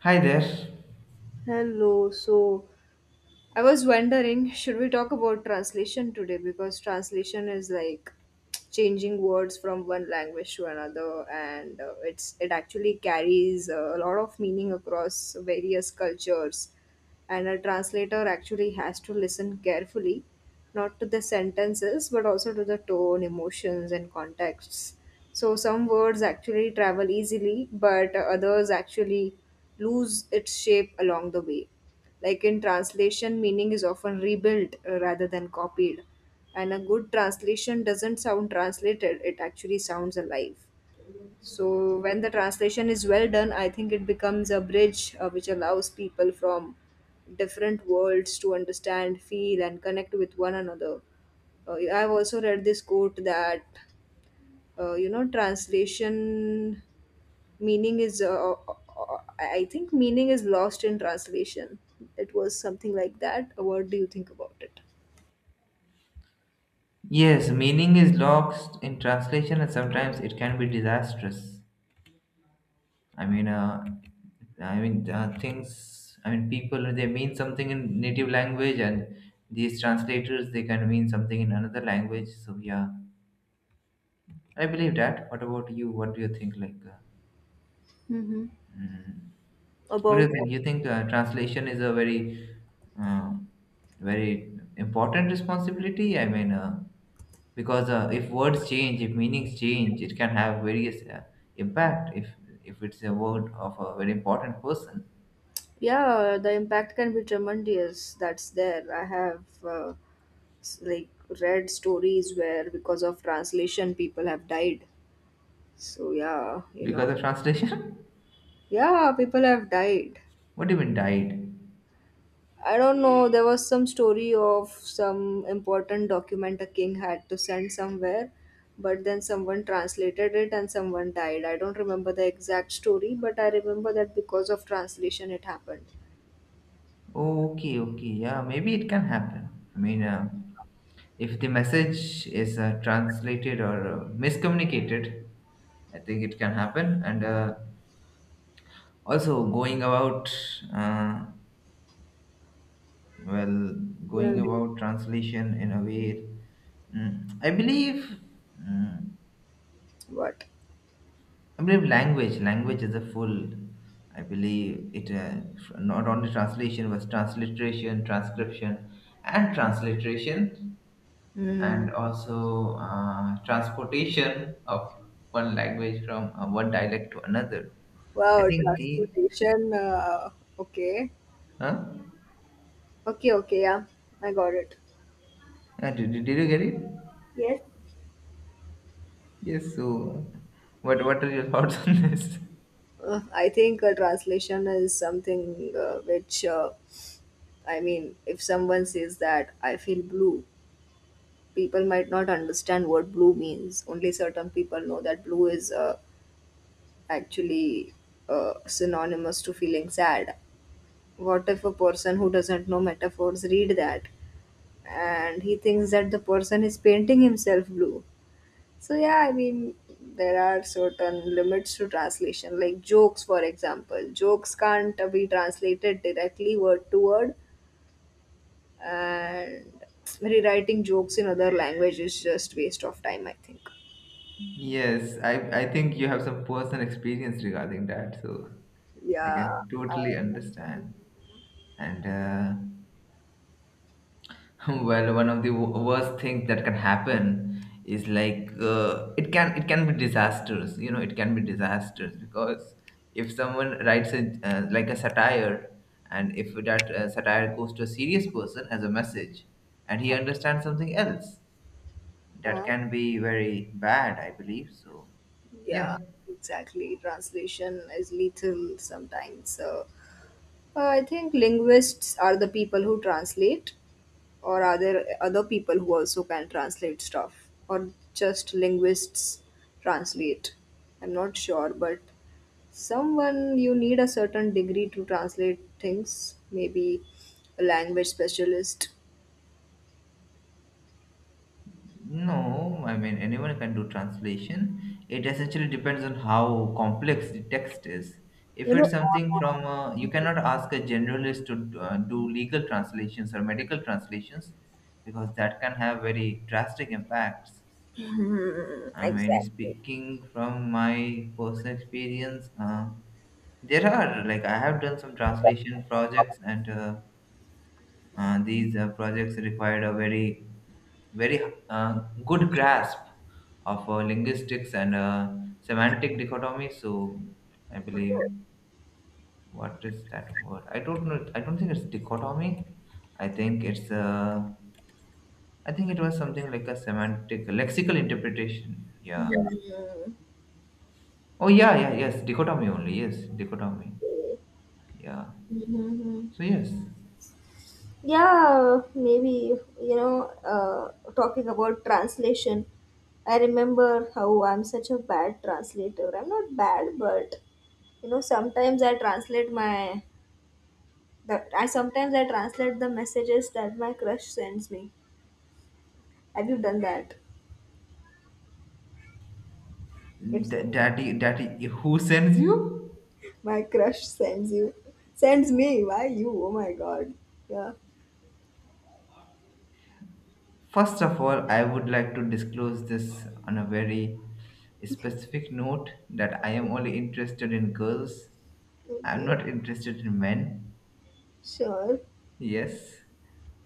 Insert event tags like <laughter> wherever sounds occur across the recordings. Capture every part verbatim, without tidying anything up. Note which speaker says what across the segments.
Speaker 1: Hi there.
Speaker 2: Hello. So I was wondering, should we talk about translation today? Because translation is like changing words from one language to another, and uh, it's it actually carries uh, a lot of meaning across various cultures, and a translator actually has to listen carefully, not to the sentences but also to the tone, emotions, and contexts. So some words actually travel easily but others actually lose its shape along the way. Like, in translation, meaning is often rebuilt uh, rather than copied, and a good translation doesn't sound translated, it actually sounds alive. So when the translation is well done, I think it becomes a bridge uh, which allows people from different worlds to understand, feel, and connect with one another. Uh, I've also read this quote that uh, you know translation meaning is uh, uh, uh, I think meaning is lost in translation. It was something like that. What do you think about it?
Speaker 1: Yes, meaning is lost in translation, and sometimes it can be disastrous. I mean, uh, I mean uh, things. I mean, people they mean something in native language, and these translators they can mean something in another language. So yeah, I believe that. What about you? What do you think? Like, uh,
Speaker 2: Mm-hmm.
Speaker 1: mm, what do
Speaker 2: About.
Speaker 1: you think? You think uh, translation is a very, uh, very important responsibility? I mean, uh, because uh, if words change, if meanings change, it can have various uh, impact. If if it's a word of a very important person,
Speaker 2: Yeah, the impact can be tremendous. That's there. I have. Uh, s- like, read stories where, because of translation, people have died. So yeah. You
Speaker 1: because
Speaker 2: know
Speaker 1: of translation,
Speaker 2: yeah, people have died.
Speaker 1: <laughs> what do you mean died?
Speaker 2: I don't know, there was some story of some important document a king had to send somewhere, but then someone translated it and someone died. I don't remember the exact story, but I remember that because of translation it happened.
Speaker 1: Okay, okay, yeah, maybe it can happen. I mean, uh, if the message is uh, translated or uh, miscommunicated, I think it can happen. And uh, also going about uh, well, going
Speaker 2: Mm.
Speaker 1: about translation in a way, mm, i believe mm,
Speaker 2: What?
Speaker 1: i believe language language is a full. I believe it uh, not only translation but transliteration, transcription, and transliteration,
Speaker 2: Mm.
Speaker 1: and also uh, transportation of one language from uh, one dialect to another. I
Speaker 2: Wow,
Speaker 1: think the.
Speaker 2: transportation. Uh, okay.
Speaker 1: Huh?
Speaker 2: Okay, okay, yeah. I got it.
Speaker 1: Yeah, did, did you get it? Yes, so what what are your <laughs> thoughts on this?
Speaker 2: Uh, I think a translation is something uh, which, uh, I mean, if someone says that I feel blue, people might not understand what blue means. Only certain people know that blue is uh, actually uh, synonymous to feeling sad. What if a person who doesn't know metaphors read that and he thinks that the person is painting himself blue? So yeah, I mean, there are certain limits to translation, like jokes, for example. Jokes can't be translated directly word to word, and rewriting jokes in other language is just waste of time. I think.
Speaker 1: Yes, I I think you have some personal experience regarding that, so I
Speaker 2: Yeah,
Speaker 1: can
Speaker 2: I-
Speaker 1: totally understand. And uh, <laughs> well, one of the wo- worst things that can happen is like uh, it can it can be disastrous. You know, it can be disastrous because if someone writes a uh, like a satire, and if that uh, satire goes to a serious person as a message, and he understands something else that
Speaker 2: uh,
Speaker 1: can be very bad, I believe. So, yeah,
Speaker 2: yeah, exactly. Translation is lethal sometimes. So uh, I think linguists are the people who translate, or are there other people who also can translate stuff, or just linguists translate? I'm not sure, but someone, you need a certain degree to translate things, maybe a language specialist
Speaker 1: no, I mean, anyone can do translation. It essentially depends on how complex the text is.
Speaker 2: you
Speaker 1: If it's
Speaker 2: know
Speaker 1: something from, uh, you cannot ask a generalist to uh, do legal translations or medical translations because that can have very drastic impacts. I mean, speaking from my personal experience, uh, there are like I have done some translation projects and uh, Uh, these uh, projects required a very, very uh, good grasp of uh, linguistics and uh, semantic dichotomy. So I believe what is that word? I don't know. I don't think it's dichotomy. I think it's uh, I think it was something like a semantic lexical interpretation. Yeah.
Speaker 2: Mhm.
Speaker 1: Oh yeah, yeah, yes. Dichotomy only. Yes, dichotomy. Yeah.
Speaker 2: Mhm.
Speaker 1: So yes,
Speaker 2: Yeah, maybe, you know, uh, talking about translation, I remember how I'm such a bad translator. I'm not bad, but you know sometimes I translate my the I sometimes I translate the messages that my crush sends me. Have you done that? It's
Speaker 1: Th- daddy, daddy, who sends you?
Speaker 2: my crush, sends you, sends me. Why you? Oh my god. Yeah.
Speaker 1: First of all, I would like to disclose this on a very specific note that I am only interested in girls. I'm
Speaker 2: Okay.
Speaker 1: not interested in men.
Speaker 2: Sure.
Speaker 1: Yes.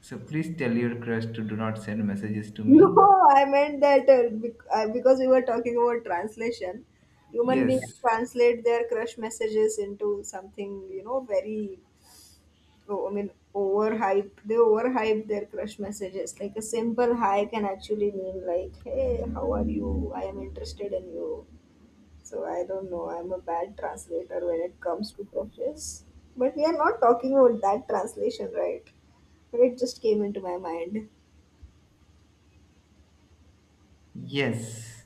Speaker 1: So please tell your crush to do not send messages to
Speaker 2: <laughs>
Speaker 1: me.
Speaker 2: No, I meant that uh, bec- uh, because we were talking about translation, human beings
Speaker 1: Yes.
Speaker 2: translate their crush messages into something, you know very. Oh, I mean, overhyped. They overhype their crush messages. Like a simple hi can actually mean like, "Hey, how are you? I am interested in you." So I don't know, I'm a bad translator when it comes to crushes. But we are not talking about that translation, right? But it just came into my mind.
Speaker 1: Yes.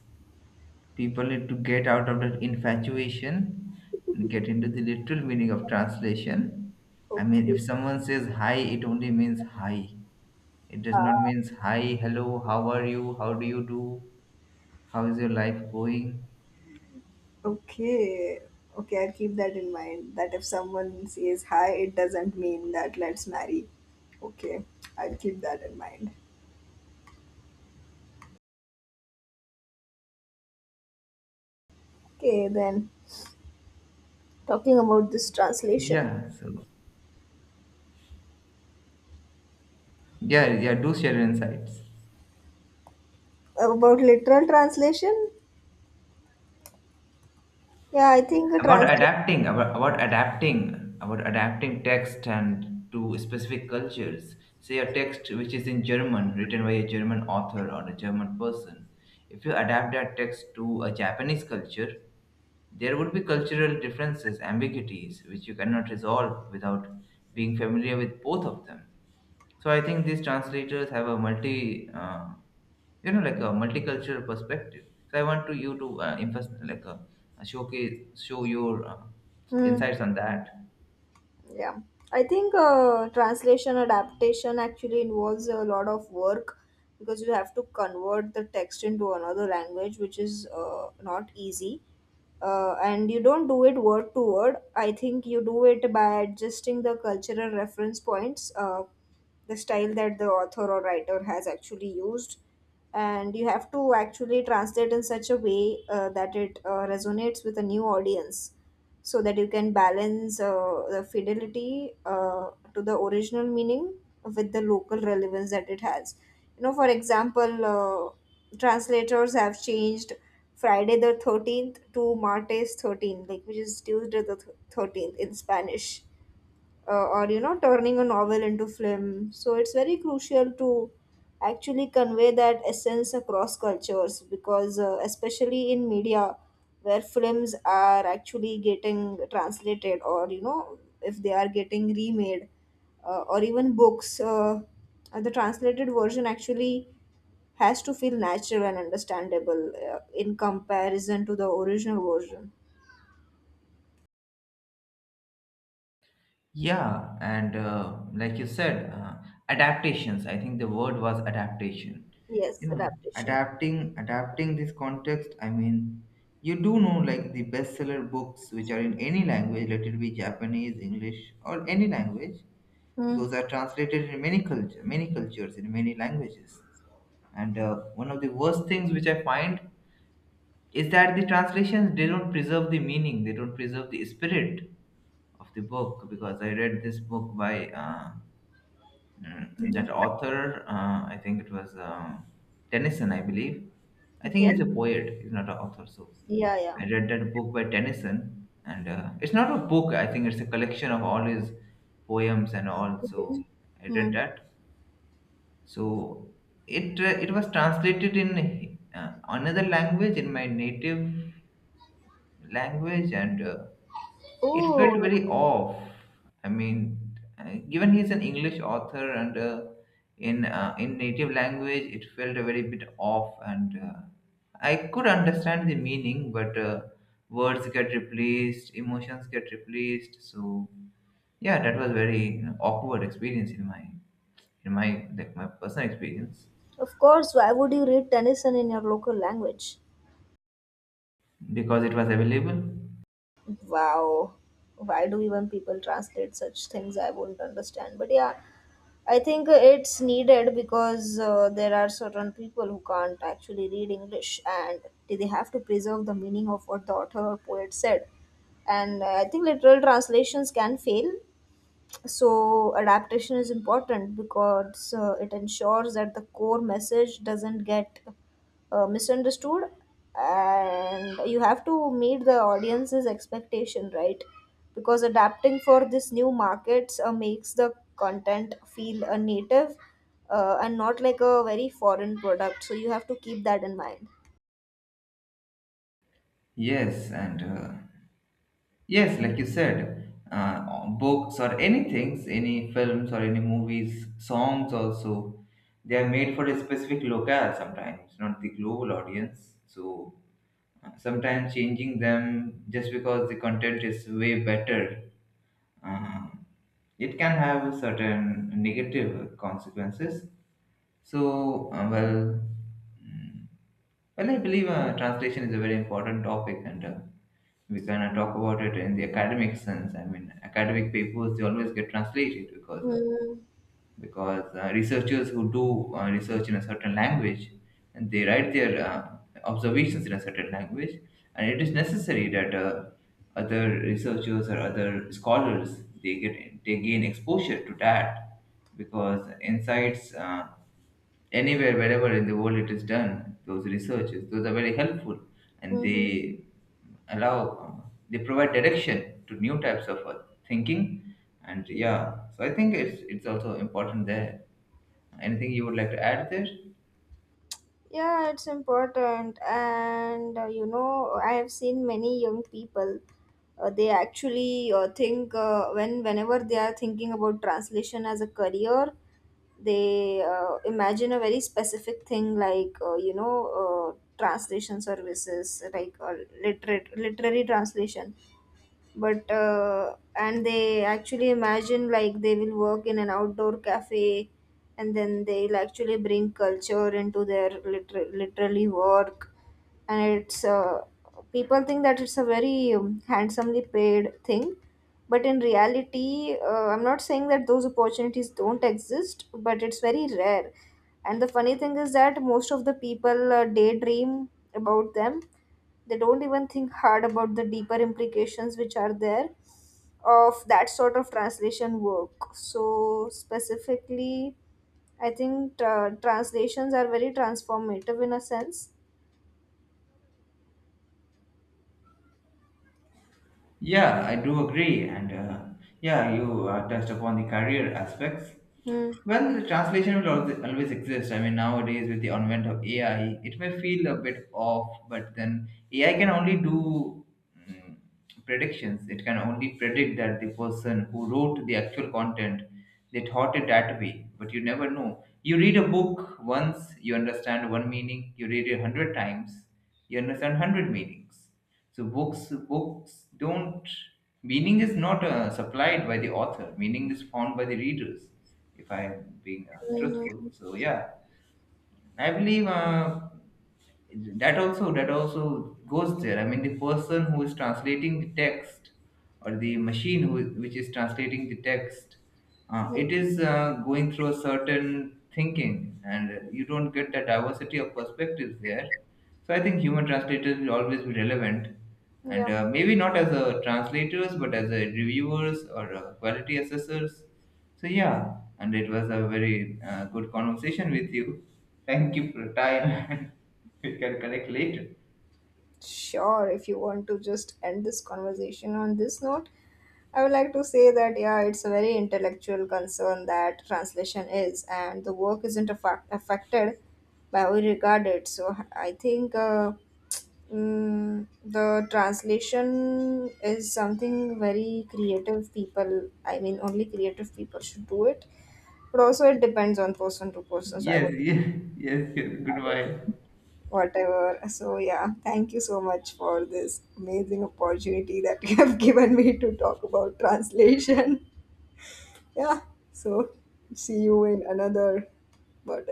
Speaker 1: People need to get out of that infatuation and get into the literal meaning of translation. I mean,
Speaker 2: Okay,
Speaker 1: if someone says hi, it only means hi. It does not means hi, hello, how are you, how do you do, how is your life going?
Speaker 2: okay, okay. I'll keep that in mind, that if someone says hi, it doesn't mean that let's marry. Okay, I'll keep that in mind. Okay, then, talking about this translation,
Speaker 1: Yeah, so yeah, yeah, do share your insights
Speaker 2: about literal translation, yeah, I think a
Speaker 1: about
Speaker 2: translation.
Speaker 1: adapting, about, about, adapting, about adapting text and to specific cultures. Say a text which is in German, written by a German author or a German person. If you adapt that text to a Japanese culture, there would be cultural differences, ambiguities, which you cannot resolve without being familiar with both of them. So I think these translators have a multi, uh, you know, like a multicultural perspective. So I want to you to uh, invest like a, a showcase, show your uh,
Speaker 2: Hmm,
Speaker 1: insights on that.
Speaker 2: yeah, I think uh, translation adaptation actually involves a lot of work, because you have to convert the text into another language, which is uh, not easy. Uh, and you don't do it word to word. I think you do it by adjusting the cultural reference points, uh, the style that the author or writer has actually used, and you have to actually translate in such a way uh, that it uh, resonates with a new audience, so that you can balance uh, the fidelity uh, to the original meaning with the local relevance that it has. You know, for example, uh, translators have changed Friday the thirteenth to Martes thirteen, like, which is Tuesday the th- thirteenth in Spanish, uh, or you know turning a novel into film. So it's very crucial to actually convey that essence across cultures, because uh, especially in media where films are actually getting translated, or you know if they are getting remade, uh, or even books uh, uh, the translated version actually has to feel natural and understandable uh, in comparison to the original version.
Speaker 1: Yeah, and uh, like you said, uh, adaptations. I think the word was adaptation.
Speaker 2: Yes,
Speaker 1: You know,
Speaker 2: adaptation.
Speaker 1: adapting, adapting this context. I mean, you do know like the bestseller books which are in any language, let it be Japanese, English, or any language.
Speaker 2: Hmm.
Speaker 1: Those are translated in many culture, many cultures, in many languages. And uh, one of the worst things which I find is that the translations they don't preserve the meaning, they don't preserve the spirit of the book. Because I read this book by uh, mm,
Speaker 2: Mhm.
Speaker 1: that author, uh, I think it was um Tennyson, I believe. I
Speaker 2: Okay.
Speaker 1: think he's a poet. He's not an author, so.
Speaker 2: Yeah, yeah.
Speaker 1: I read that book by Tennyson, and uh, it's not a book. I think it's a collection of all his poems and all. So
Speaker 2: Okay.
Speaker 1: I
Speaker 2: Hmm.
Speaker 1: read that. So it uh, it was translated in uh, another language in my native language, and uh, it felt
Speaker 2: Oh,
Speaker 1: very off. I mean, uh, given he's an English author and uh, in uh, in native language, it felt a very bit off, and uh, I could understand the meaning, but uh, words get replaced, emotions get replaced. So yeah, that was very awkward experience in my in my like my personal experience.
Speaker 2: of course. Why would you read Tennyson in your local language?
Speaker 1: Because it was available.
Speaker 2: Wow. Why do even people translate such things? I wouldn't understand. But yeah, I think it's needed, because uh, there are certain people who can't actually read English and they have to preserve the meaning of what the author or poet said. And uh, I think literal translations can fail, so adaptation is important, because uh, it ensures that the core message doesn't get uh, misunderstood, and you have to meet the audience's expectation, right? Because adapting for this new markets uh, makes the content feel uh, native, uh, and not like a very foreign product, so you have to keep that in mind.
Speaker 1: Yes and uh, yes, like you said, uh, books or anything, any films or any movies, songs also, they are made for a specific locale sometimes not the global audience, so uh, sometimes changing them just because the content is way better, uh, it can have certain negative consequences. So, uh, well, mm, well, I believe uh, translation is a very important topic, and uh, we can uh, talk about it in the academic sense. I mean, academic papers they always get translated because uh, because uh, researchers who do uh, research in a certain language, and they write their uh, observations in a certain language, and it is necessary that uh, other researchers or other scholars they get they gain exposure to that, because insights uh, anywhere, wherever in the world it is done, those researches, those are very helpful, and they
Speaker 2: Mm-hmm.
Speaker 1: allow um, they provide direction to new types of uh, thinking. And yeah, so I think it's it's also important there. Anything you would like to add there?
Speaker 2: Yeah, it's important. And uh, you know, I have seen many young people. Uh, they actually uh, think uh, when whenever they are thinking about translation as a career, they uh, imagine a very specific thing, like uh, you know uh, translation services, like uh, literate literary translation. But uh, and they actually imagine like they will work in an outdoor cafe, and then they'll actually bring culture into their liter- literally work. And it's uh, people think that it's a very um, handsomely paid thing, but in reality uh, I'm not saying that those opportunities don't exist, but it's very rare. And the funny thing is that most of the people uh, daydream about them. They don't even think hard about the deeper implications which are there of that sort of translation work. So specifically, I think uh, translations are very transformative in a sense.
Speaker 1: Yeah, I do agree. And uh, yeah, you uh, touched upon the career aspects.
Speaker 2: Hmm.
Speaker 1: Well, the translation will always, always exist. I mean, nowadays with the advent of A I, it may feel a bit off, but then A I can only do mm, predictions. It can only predict that the person who wrote the actual content, they thought it that way, but you never know. You read a book once, you understand one meaning. You read it a hundred times, you understand hundred meanings. So books books don't. Meaning is not uh, supplied by the author. Meaning is found by the readers. If I'm being uh, truthful, so yeah, I believe uh, that also that also goes there. I mean, the person who is translating the text or the machine who is, which is translating the text, uh,
Speaker 2: Mm,
Speaker 1: it is uh, going through a certain thinking, and you don't get the diversity of perspectives there. So I think human translators will always be relevant, and
Speaker 2: yeah.
Speaker 1: uh, maybe not as a translators, but as a reviewers or uh, quality assessors, so yeah, and it was a very uh, good conversation with you. Thank you for time. <laughs> We can connect later.
Speaker 2: Sure, if you want to just end this conversation on this note, I would like to say that, yeah, it's a very intellectual concern that translation is, and the work isn't affa- affected by how we regard it. So I think. Uh, Mm, the translation is something very creative people, I mean, only creative people should do it. But also, it depends on person to person. So, I
Speaker 1: Yes,
Speaker 2: would,
Speaker 1: <laughs> yes, yes. Yes. Goodbye.
Speaker 2: whatever. So, yeah, thank you so much for this amazing opportunity that you have <laughs> given me to talk about translation. <laughs> Yeah, so see you in another. But